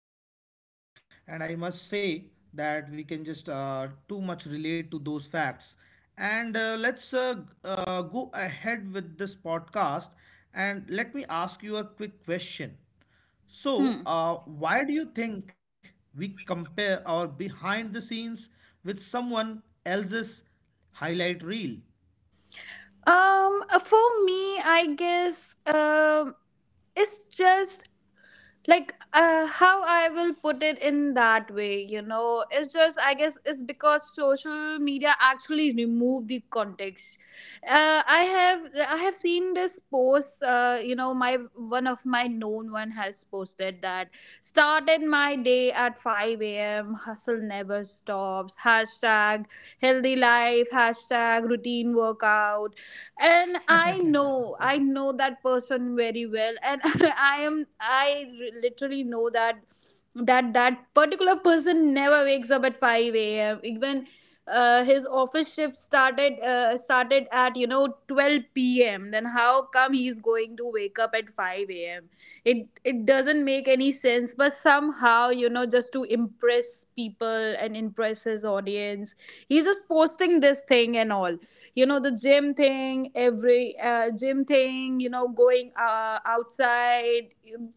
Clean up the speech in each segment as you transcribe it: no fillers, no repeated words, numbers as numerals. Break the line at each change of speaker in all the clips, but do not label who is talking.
it very correctly, and I must say that we can just too much relate to those facts. And let's go ahead with this podcast, and let me ask you a quick question. So,
Hmm.
why do you think we compare our behind the scenes with someone else's highlight reel?
For me, I guess it's just like how I will put it in that way. It's just I guess it's because social media actually remove the context. I have seen this post. My one of my known one has posted that started my day at 5 a.m. Hustle never stops. Hashtag healthy life. Hashtag routine workout. And i know i know that person very well and I literally know that particular person never wakes up at 5 a.m., even his office shift started at, you know, 12 p.m. Then how come he's going to wake up at 5 a.m.? It doesn't make any sense, but somehow, you know, just to impress people and impress his audience, he's just posting this thing and all. You know, the gym thing, every gym thing, you know, going outside,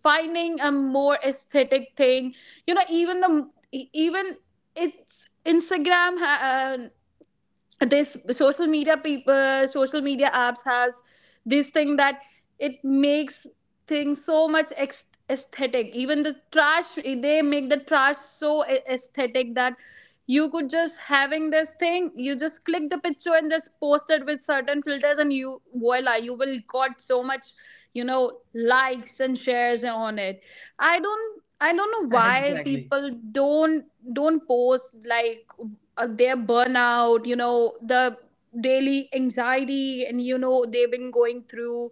finding a more aesthetic thing. You know, even it's instagram ha- uh, this social media apps has this thing, that it makes things so much aesthetic, even the trash, they make the trash so aesthetic, that you could just having this thing, you just click the picture and just post it with certain filters and you, voila, you will got so much, you know, likes and shares on it. I don't know
Exactly.
why people don't post like their burnout, you know, the daily anxiety, and you know they've been going through,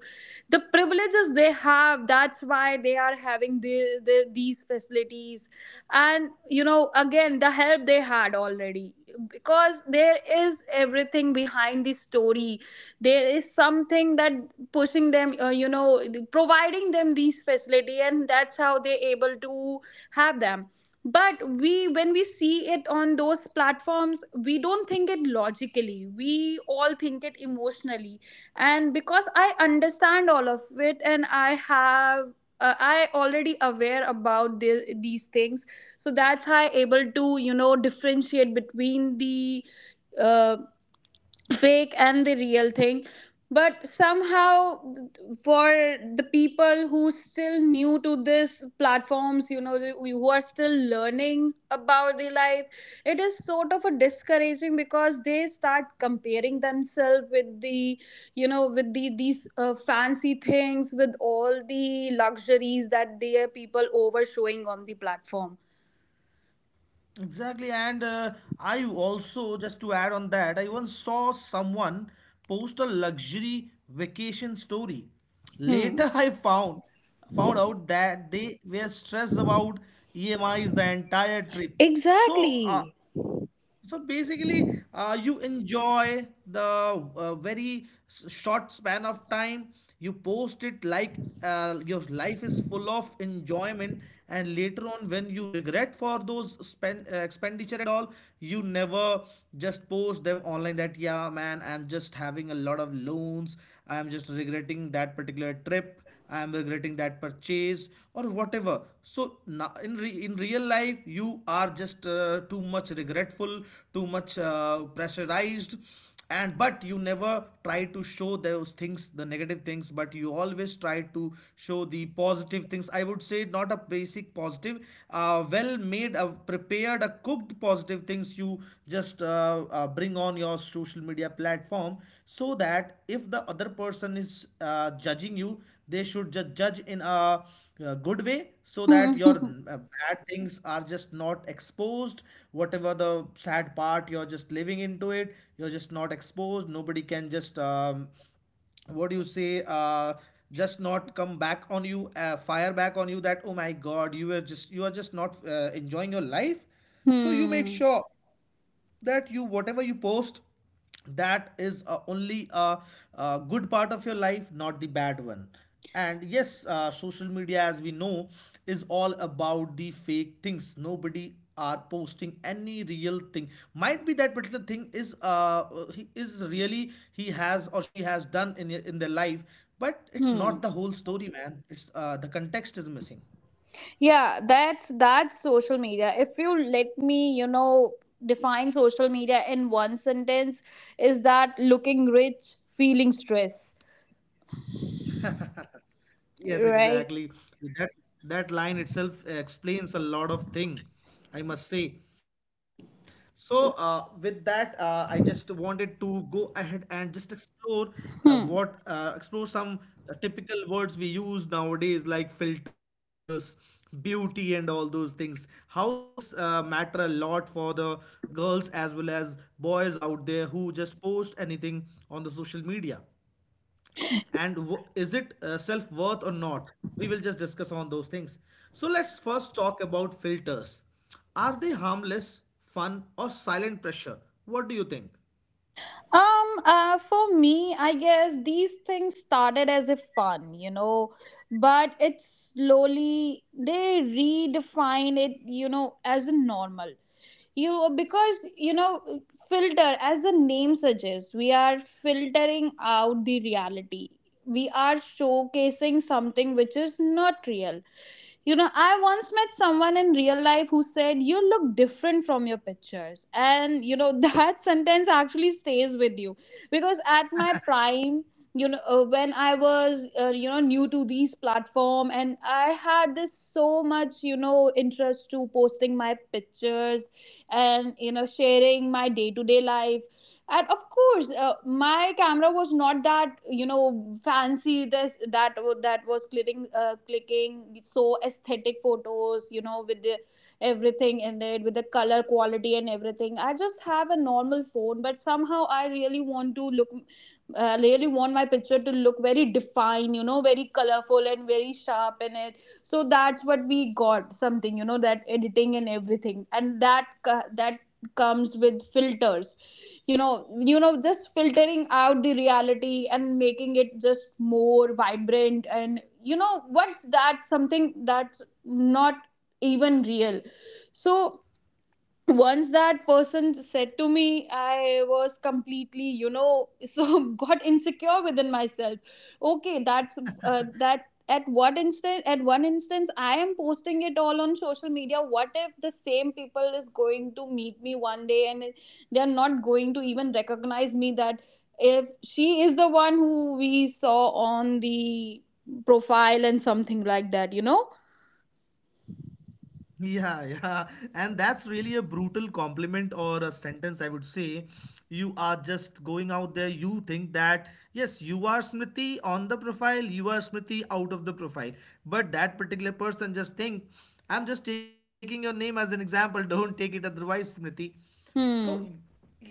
the privileges they have, that's why they are having these facilities, and you know, again, the help they had already, because there is everything behind the story. There is something that pushing them, you know, providing them these facility, and that's how they're able to have them. But we, when we see it on those platforms, we don't think it logically, we all think it emotionally. And because I understand all of it, and I already aware about these things, so that's how I able to, you know, differentiate between the uh, fake and the real thing. But somehow, for the people who still new to this platforms, you know, who are still learning about the life, it is sort of a discouraging because they start comparing themselves with the, you know, with the these fancy things, with all the luxuries that their people over showing on the platform.
Exactly, and I also just to add on that, I once saw someone post a luxury vacation story.
Hmm.
Later, I found out that they were stressed about EMIs the entire trip. So uh,
Exactly.
so basically, you enjoy the very short span of time. You post it like your life is full of enjoyment, and later on, when you regret for those spend expenditure and all, you never just post them online. That yeah, man, I'm just having a lot of loans. I'm just regretting that particular trip. I am regretting that purchase or whatever. So now in real life you are just too much regretful, too much pressurized, and but you never try to show those things, the negative things, but you always try to show the positive things. I would say, not a basic positive, well made a prepared a cooked cook the positive things you just bring on your social media platform, so that if the other person is judging you, they should just judge in a good way, so
Hmm.
that your bad things are just not exposed. Whatever the sad part, you're just living into it, you're just not exposed. Nobody can just what do you say, just not come back on you, fire back on you that, oh my god, you were just, you are just not enjoying your life. So you make
Hmm.
sure that you, whatever you post, that is only a good part of your life, not the bad one. And yes, social media, as we know, is all about the fake things. Nobody are posting any real thing. Might be that particular thing is, he is really, he has or she has done in their life, but it's not
Hmm.
the whole story, man. It's, the context is missing.
Yeah, that's social media. If you let me, you know, define social media in one sentence, is that looking rich, feeling stress,
Yes,
right?
exactly. That that line itself explains a lot of thing, I must say. So with that, I just wanted to go ahead and just explore,
Hmm.
what explore some typical words we use nowadays, like filters, beauty, and all those things. How this matter a lot for the girls as well as boys out there who just post anything on the social media, and is it self-worth or not? We will just discuss on those things. So let's first talk about filters. Are they harmless fun or silent pressure? What do you think?
For me, I guess these things started as a fun, you know, but it slowly they redefine it, you know, as a normal. You know, filter, as the name suggests, we are filtering out the reality, we are showcasing something which is not real. You know, I once met someone in real life who said, you look different from your pictures, and you know, that sentence actually stays with you, because at my prime, you know, when I was you know, new to these platform, and I had this so much, you know, interest to posting my pictures, and you know, sharing my day to day life. And of course my camera was not that, you know, fancy, this, that, that was clicking so aesthetic photos, you know, with the everything in it, with the color quality and everything. I just have a normal phone, but somehow I really want to look, I really want my picture to look very defined, you know, very colorful and very sharp in it. So that's what we got, something, you know, that editing and everything, and that comes with filters, you know you know, just filtering out the reality and making it just more vibrant, and you know what's that something that's not even real. So once that person said to me, I was completely, you know, so got insecure within myself. Okay, that's that at what instant at one instance I am posting it all on social media, what if the same people is going to meet me one day, and they are not going to even recognize me, that if she is the one who we saw on the profile, and something like that, you know.
Yeah, yeah. And that's really a brutal compliment or a sentence, I would say. You are just going out there, you think that, yes, you are Smriti on the profile, you are Smriti out of the profile. But that particular person just think, I'm just taking your name as an example, don't take it otherwise, Smriti.
Hmm.
So,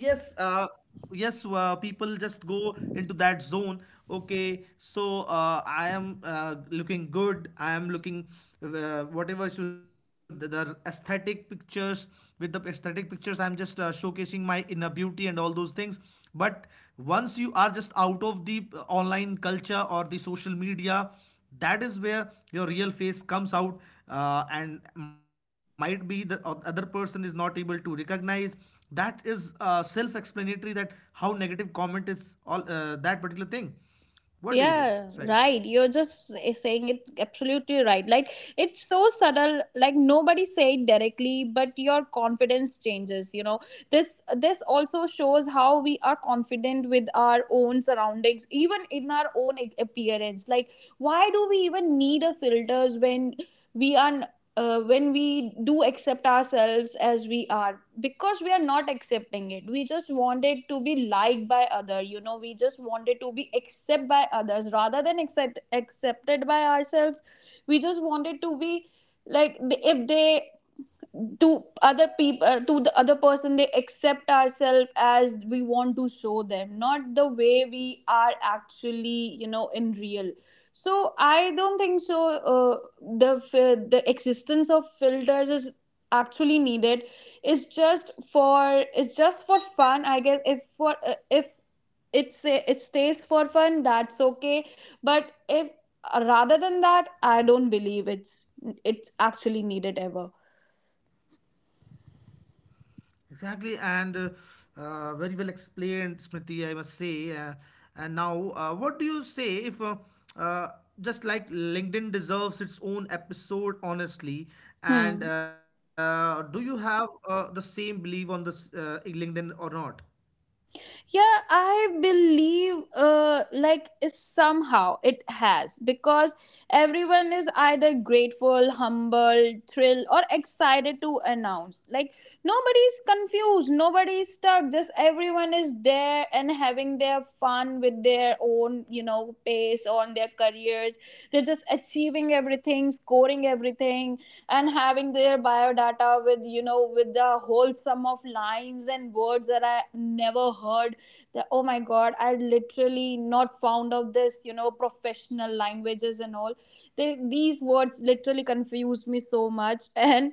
yes, yes people just go into that zone. Okay, so I am looking good, I am looking, whatever, should the aesthetic pictures, with the aesthetic pictures I'm just showcasing my inner beauty and all those things. But once you are just out of the online culture or the social media, that is where your real face comes out, and might be the other person is not able to recognize. That is self-explanatory that how negative comment is all, that particular thing. What do
Yeah,
you think?
right.
Sorry.
You're just saying it absolutely right. Like, it's so subtle, like nobody say it directly, but your confidence changes, you know. This also shows how we are confident with our own surroundings, even in our own appearance. Like, why do we even need a filters, we are when we do accept ourselves as we are, because we are not accepting it, we just want it to be liked by other, you know, we just want it to be accepted by others rather than accepted by ourselves. We just want it to be like, if they, to other people, to the other person, they accept ourselves as we want to show them, not the way we are actually, you know, in real. So I don't think so. Uh, the fi- the existence of filters is actually needed. It's just for it's just for fun, I guess. If it stays for fun, that's okay. But if rather than that, I don't believe it's actually needed ever.
Exactly, and very well explained, Smriti, I must say. And now, what do you say if, uh, just like LinkedIn deserves its own episode, honestly?
Hmm.
And do you have the same belief on this LinkedIn or not?
Yeah, I believe like, somehow it has, because everyone is either grateful, humble, thrilled or excited to announce. Like, nobody's confused, nobody's stuck, just everyone is there and having their fun with their own, you know, pace on their careers. They're just achieving everything, scoring everything, and having their biodata with, you know, with the whole sum of lines and words that I never heard, that, oh my god, I literally not found out this, you know, professional languages and all. These words literally confused me so much, and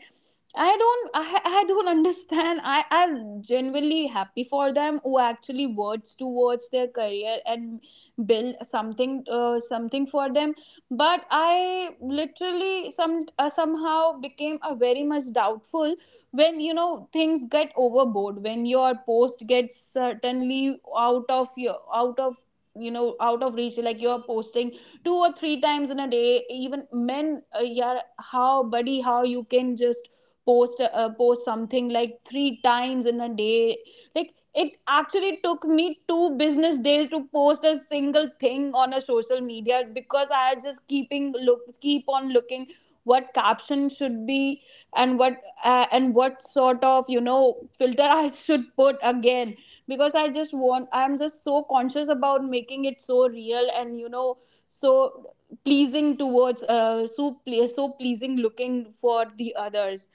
I don't understand. I'm genuinely happy for them who actually works towards their career and build something for them. But I literally somehow became a very much doubtful when, you know, things get overboard, when your post gets certainly out of your out of you know out of reach, like you're posting 2 or 3 times in a day, even, men, yeah, how, buddy, how you can just post something like 3 times in a day. Like, it actually took me 2 business days to post a single thing on a social media, because I just keep on looking what caption should be, and what, and what sort of, you know, filter I should put again, because I'm just so conscious about making it so real, and you know, so pleasing towards, so pleasing looking for the others.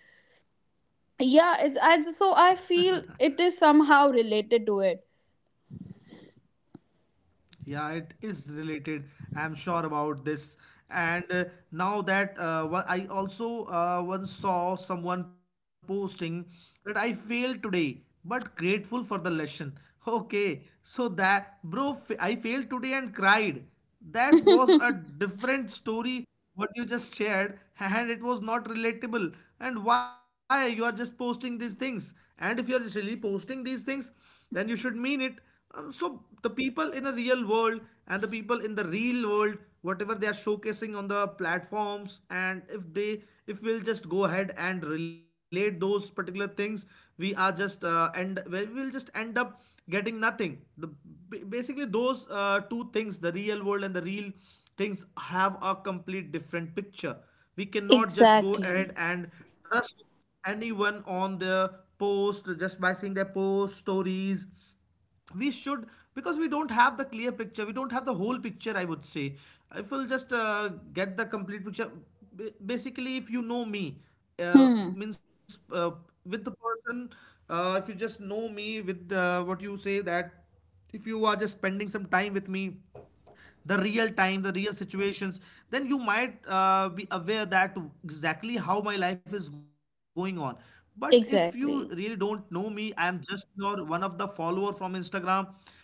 Yeah, it's I, just, so I feel it is somehow related to it.
Yeah, it is related. I'm sure about this. And now that I also once saw someone posting that I failed today, but grateful for the lesson. Okay, so that bro, I failed today and cried. That was a different story what you just shared, and it was not relatable. And why you are just posting these things? And if you are really posting these things, then you should mean it. So the people in a real world and the people in the real world, whatever they are showcasing on the platforms, and if we'll just go ahead and relate those particular things, we are just, end we will just end up getting nothing. The, basically those two things, the real world and the real things, have a complete different picture. We cannot just go
Exactly.
ahead and trust anyone on their post just by seeing their post stories. We should, because we don't have the clear picture, we don't have the whole picture, I would say. If we'll just get the complete picture, basically if you know me,
Hmm.
means, with the person, if you just know me with, what you say, that if you are just spending some time with me, the real time, the real situations, then you might be aware that exactly how my life is going on. But if you really
Exactly.
don't know me, I am just your one of the follower from Instagram,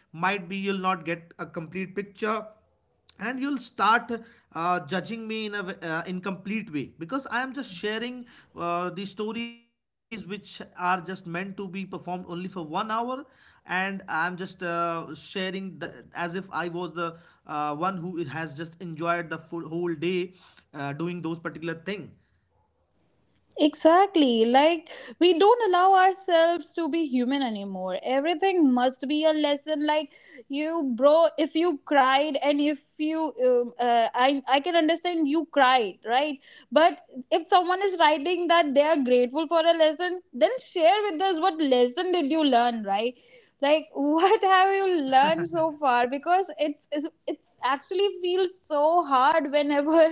might be you'll not get a complete picture, and you'll start judging me in a, incomplete way, because I am just sharing the stories which are just meant to be performed only for 1 hour, and I'm just sharing the, as if I was the, one who has just enjoyed the full whole day, doing those particular thing.
Exactly. Like, we don't allow ourselves to be human anymore. Everything must be a lesson. Like, you, bro, if you cried and if you, I can understand you cried, right? But if someone is writing that they are grateful for a lesson, then share with us what lesson did you learn, right? Like, what have you learned so far? Because it's actually feels so hard whenever,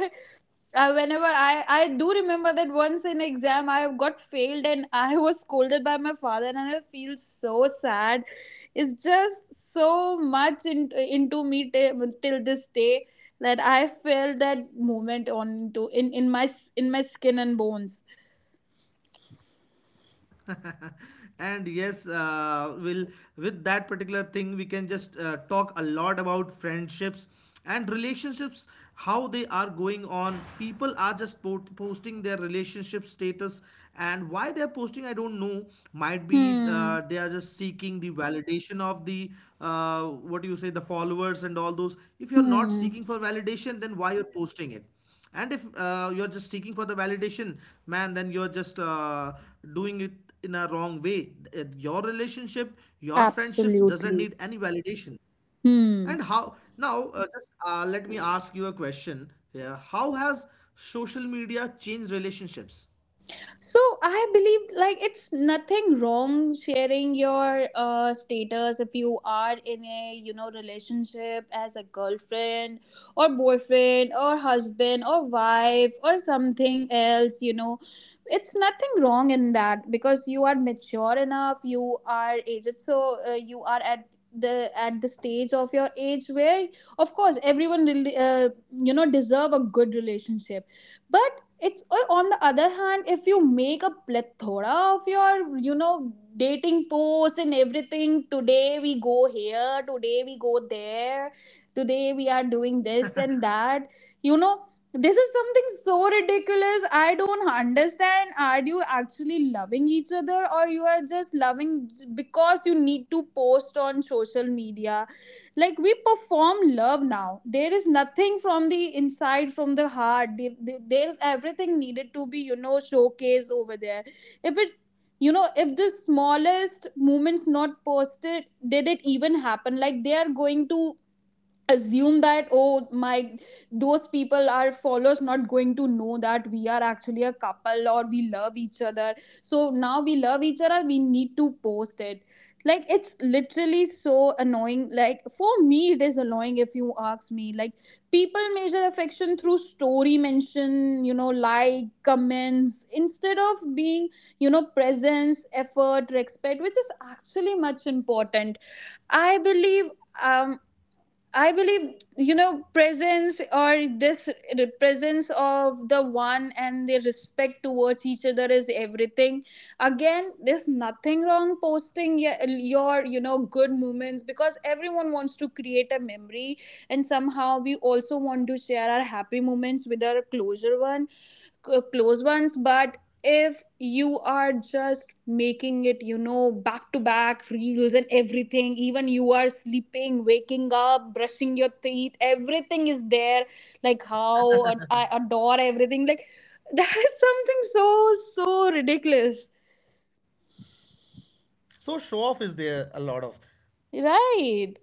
whenever I do remember that once in exam I got failed and I was scolded by my father and I feel so sad. It's just so much into me, till this day, that I feel that moment on to, in my skin and bones.
And yes, will, with that particular thing we can just talk a lot about friendships and relationships. How they are going on, people are just posting their relationship status, and why they're posting, I don't know. Might be
Hmm.
they are just seeking the validation of the, uh, what do you say, the followers and all those. If you're not
Hmm.
seeking for validation, then why you're posting it? And if you're just seeking for the validation, man, then you're just doing it in a wrong way. Your relationship, your friendships doesn't
Absolutely.
need any validation.
Hmm.
And how now, just let me ask you a question. Yeah, how has social media changed relationships?
So I believe like it's nothing wrong sharing your status if you are in a relationship as a girlfriend or boyfriend or husband or wife or something else, you know. It's nothing wrong in that because you are mature enough, you are aged, so you are at the stage of your age where of course everyone really, you know, deserve a good relationship. But it's on the other hand, if you make a plethora of your, you know, dating posts and everything. Today we go here, today we go there, today we are doing this and that, you know. This is something so ridiculous. I don't understand, are you actually loving each other or you are just loving because you need to post on social media? Like, we perform love now. There is nothing from the inside, from the heart. There's everything needed to be, you know, showcased over there. If it, you know, if the smallest moments not posted, did it even happen? Like, they are going to assume that, oh my, those people, our followers, not going to know that we are actually a couple or we love each other. So now we love each other, we need to post it. Like, it's literally so annoying. Like, for me, it is annoying if you ask me. Like, people measure affection through story mention, you know, like comments, instead of being, you know, presence, effort, respect, which is actually much important, I believe. um I believe, you know, presence or this, the presence of the one and the respect towards each other is everything. Again, there's nothing wrong posting your, you know, good moments, because everyone wants to create a memory and somehow we also want to share our happy moments with our closer one, close ones. But if you are just making it, you know, back to back reels and everything, even you are sleeping, waking up, brushing your teeth, everything is there. Like, how I adore everything. Like, that is something so so ridiculous.
So, show off is there a lot of.
Right.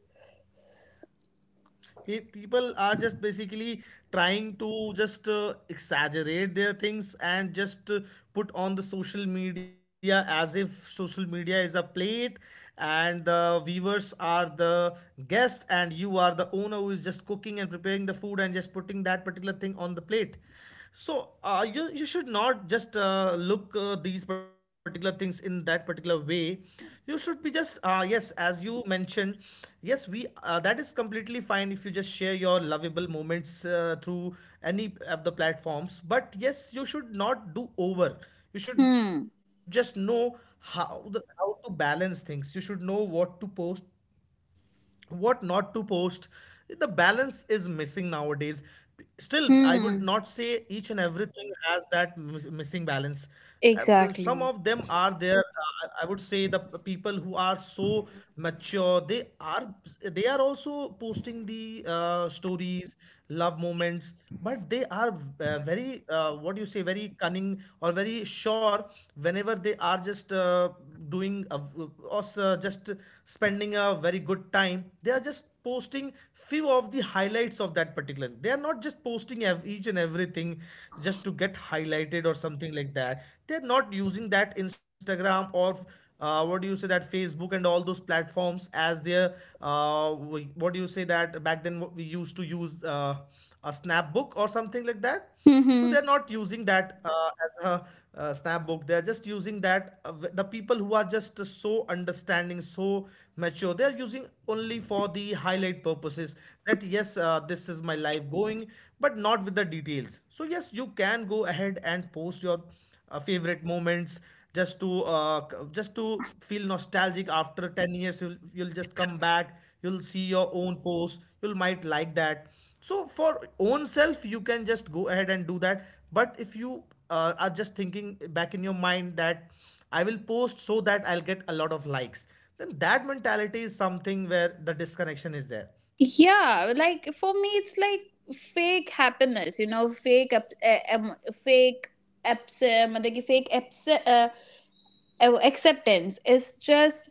People are just basically trying to just exaggerate their things and just put on the social media, as if social media is a plate and the viewers are the guest and you are the owner who is just cooking and preparing the food and just putting that particular thing on the plate. So you should not just look these particular things in that particular way. You should be just, yes, as you mentioned, yes, we that is completely fine if you just share your lovable moments through any of the platforms. But yes, you should not do over. You should just
Hmm.
know how how to balance things. You should know what to post, what not to post. The balance is missing nowadays. Still, I would
Hmm.
not say each and everything has that missing balance. Some
Exactly.
of them are there, I would say the people who are so mature, they are also posting the stories, love moments, but they are very, what do you say, very cunning or very sure, whenever they are just doing a, just spending a very good time, they are just posting few of the highlights of that particular. They are not just posting each and everything just to get highlighted or something like that. They're not using that Instagram or, what do you say, that Facebook and all those platforms as their, uh, what do you say, that back then we used to use, a Snapbook or something like that. So
Hmm.
they're not using that as a, Snapbook. They're just using that, the people who are just so understanding, so mature. They're using only for the highlight purposes. That yes, this is my life going, but not with the details. So yes, you can go ahead and post your favorite moments just to just to feel nostalgic after 10 years you'll just come back. You'll see your own post, you'll might like that. So for own self you can just go ahead and do that, but if you are just thinking back in your mind that I will post so that I'll get a lot of likes, then that mentality is something where the disconnection is there.
Yeah, like for me, it's like fake happiness, you know, fake, fake absent, मतलब कि fake absent, acceptance is just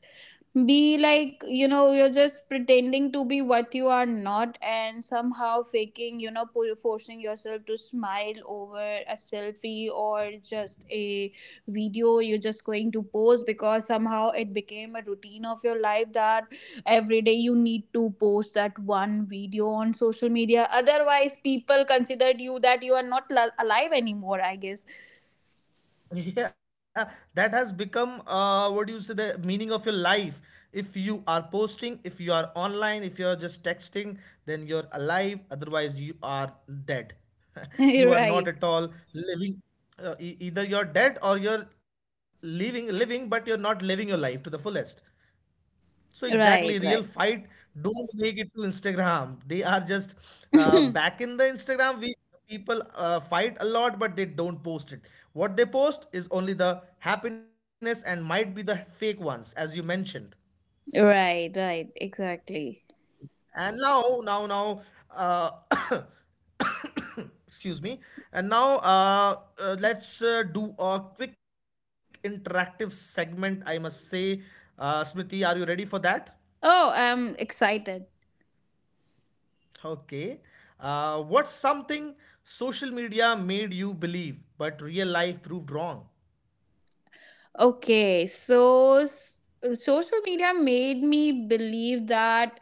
be like, you know, you're just pretending to be what you are not and somehow faking, you know, forcing yourself to smile over a selfie or just a video. You're just going to post because somehow it became a routine of your life that every day you need to post that one video on social media, otherwise people considered you that you are not li- alive anymore, I guess.
Yeah, that has become what do you say, the meaning of your life. If you are posting, if you are online, if you are just texting, then you're alive. Otherwise, you are dead. You are
Right.
not at all living. Either you're dead or you're living, but you're not living your life to the fullest. So exactly,
Right.
real fight don't make it to Instagram. They are just
Right.
back in the Instagram. We people fight a lot, but they don't post it. What they post is only the happiness and might be the fake ones, as you mentioned.
Right, right, exactly.
And now, uh, excuse me. And now, let's do a quick interactive segment. I must say, Smriti, are you ready for that?
Oh, I'm excited.
Okay. What's something social media made you believe, but real life proved wrong?
Okay, so social media made me believe that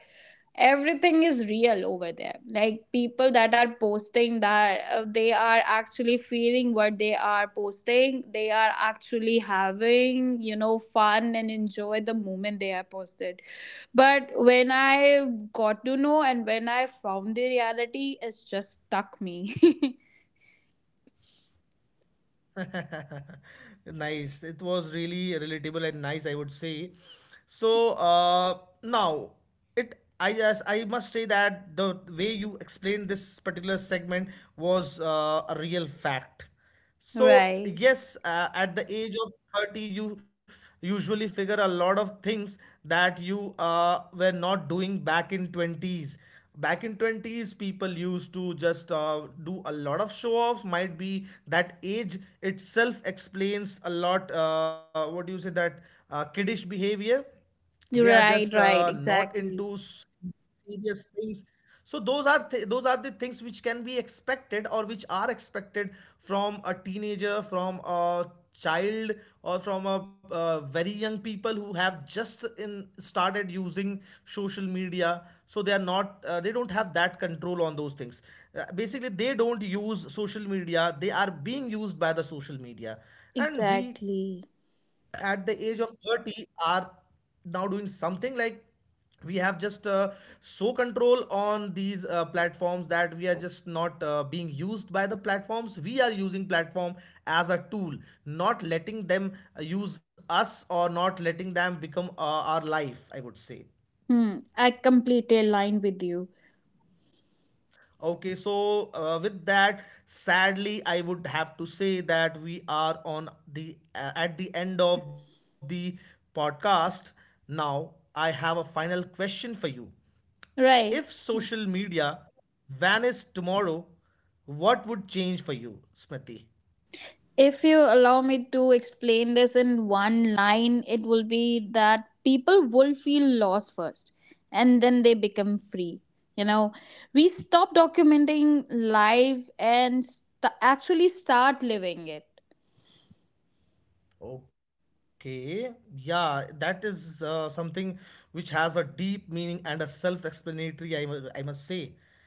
everything is real over there. Like, people that are posting that they are actually feeling what they are posting, they are actually having, you know, fun and enjoy the moment they are posted. But when I got to know and when I found the reality, it's just stuck me.
Nice. It was really relatable and nice, I would say. So now it I just I must say that the way you explained this particular segment was a real fact. So
Right.
yes, at the age of 30, you usually figure a lot of things that you were not doing back in 20s. Back in 20s, people used to just do a lot of show offs. Might be that age itself explains a lot. Uh, what do you say, that kiddish behavior. They are just
Right, right,
not into
exactly.
serious things. So those are those are the things which can be expected or which are expected from a teenager, from a child, or from a very young people who have just in started using social media. So they are not they don't have that control on those things. Uh, basically they don't use social media, they are being used by the social media. And we
Exactly.
at the age of 30 are now doing something like we have just so control on these platforms that we are just not being used by the platforms. We are using platform as a tool, not letting them use us, or not letting them become our life, I would say.
Hmm, I completely align with you.
Okay, so with that, sadly, I would have to say that we are on the at the end of the podcast. Now, I have a final question for you. If
Right.
social media vanished tomorrow, what would change for you, Smriti?
If you allow me to explain this in one line, it will be that people will feel lost first and then they become free. You know, we stop documenting life and actually start living it.
Okay, yeah, that is something which has a deep meaning and a self-explanatory, I must say.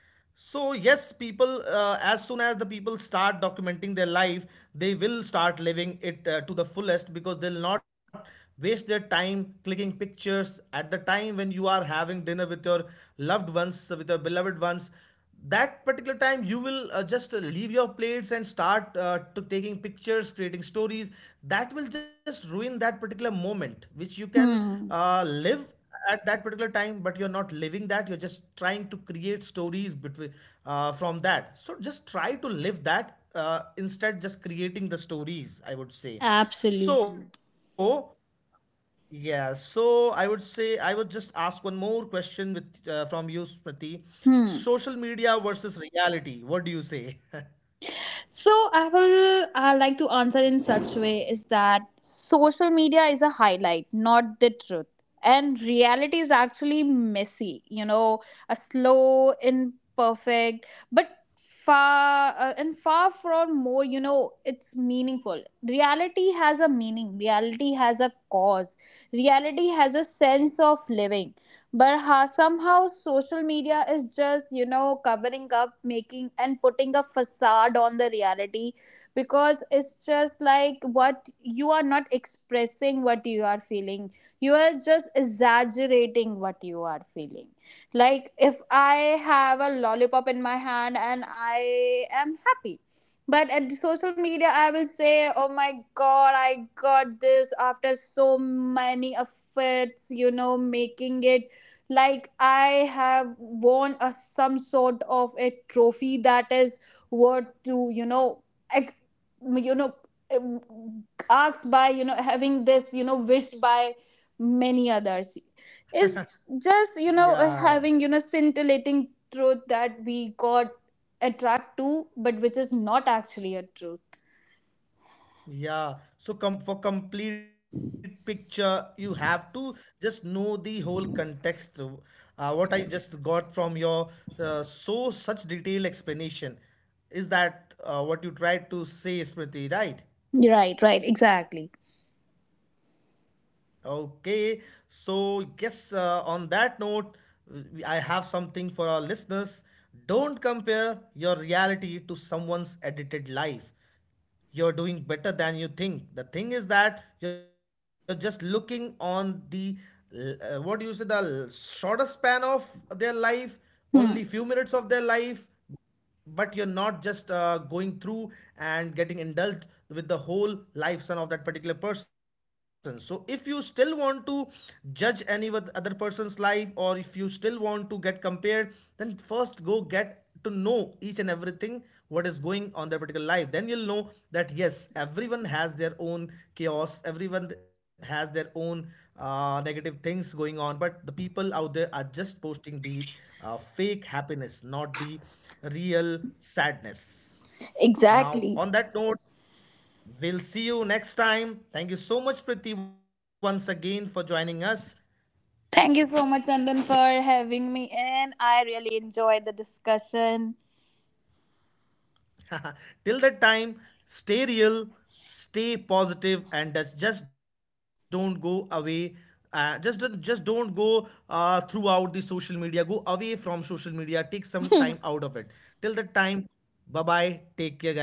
So yes, people, as soon as the people start documenting their life, they will start living it to the fullest, because they'll not waste their time clicking pictures at the time when you are having dinner with your loved ones, with your beloved ones. That particular time you will just leave your plates and start to taking pictures, creating stories. That will just ruin that particular moment which you can
Hmm,
live at that particular time. But you're not living that, you're just trying to create stories between from that. So just try to live that, instead just creating the stories, I would say.
absolutely.
So yeah, so I would say I would just ask one more question with from you, Smriti. Social
Hmm.
media versus reality. What do you say?
So I will like to answer in such way is that social media is a highlight, not the truth. And reality is actually messy, you know, a slow, imperfect, but far and far from more, you know, it's meaningful. Reality has a meaning. Reality has a cause. Reality has a sense of living, but ha, somehow social media is just, you know, covering up, making and putting a facade on the reality. Because it's just like, what you are not expressing, what you are feeling, you are just exaggerating what you are feeling. Like, if I have a lollipop in my hand and I am happy, but at social media I will say, oh my god, I got this after so many efforts, you know, making it. Like, I have won a some sort of a trophy that is worth to, you know, ex- you know, um, asked by, you know, having this, you know, wished by many others, is just, you
Yeah,
know, having, you know, scintillating truth that we got attract to, but which is not actually a truth.
yeah. So com for complete picture, you have to just know the whole context of. What I just got from your so such detailed explanation is that what you tried to say, Smriti, right?
Right, right, exactly.
Okay, so yes, on that note, I have something for our listeners. Don't compare your reality to someone's edited life. You're doing better than you think. The thing is that you're just looking on the what do you say, the shorter span of their life, only few minutes of
Hmm.
their life. But you're not just going through and getting indulged with the whole lifespan of that particular person. So if you still want to judge any with other person's life, or if you still want to get compared, then first go get to know each and everything, what is going on their particular life. Then you'll know that yes, everyone has their own chaos, everyone has their own negative things going on. But the people out there are just posting the fake happiness, not the real sadness. Now
Exactly.
on that note, we'll see you next time. Thank you so much, Priti, once again for joining us.
Thank you so much, Andan, for having me in. I really enjoyed the discussion.
Till that time, stay real, stay positive, and just don't go away. Just don't go throughout the social media. Go away from social media. Take some time out of it. Till that time, bye bye. Take care, guys.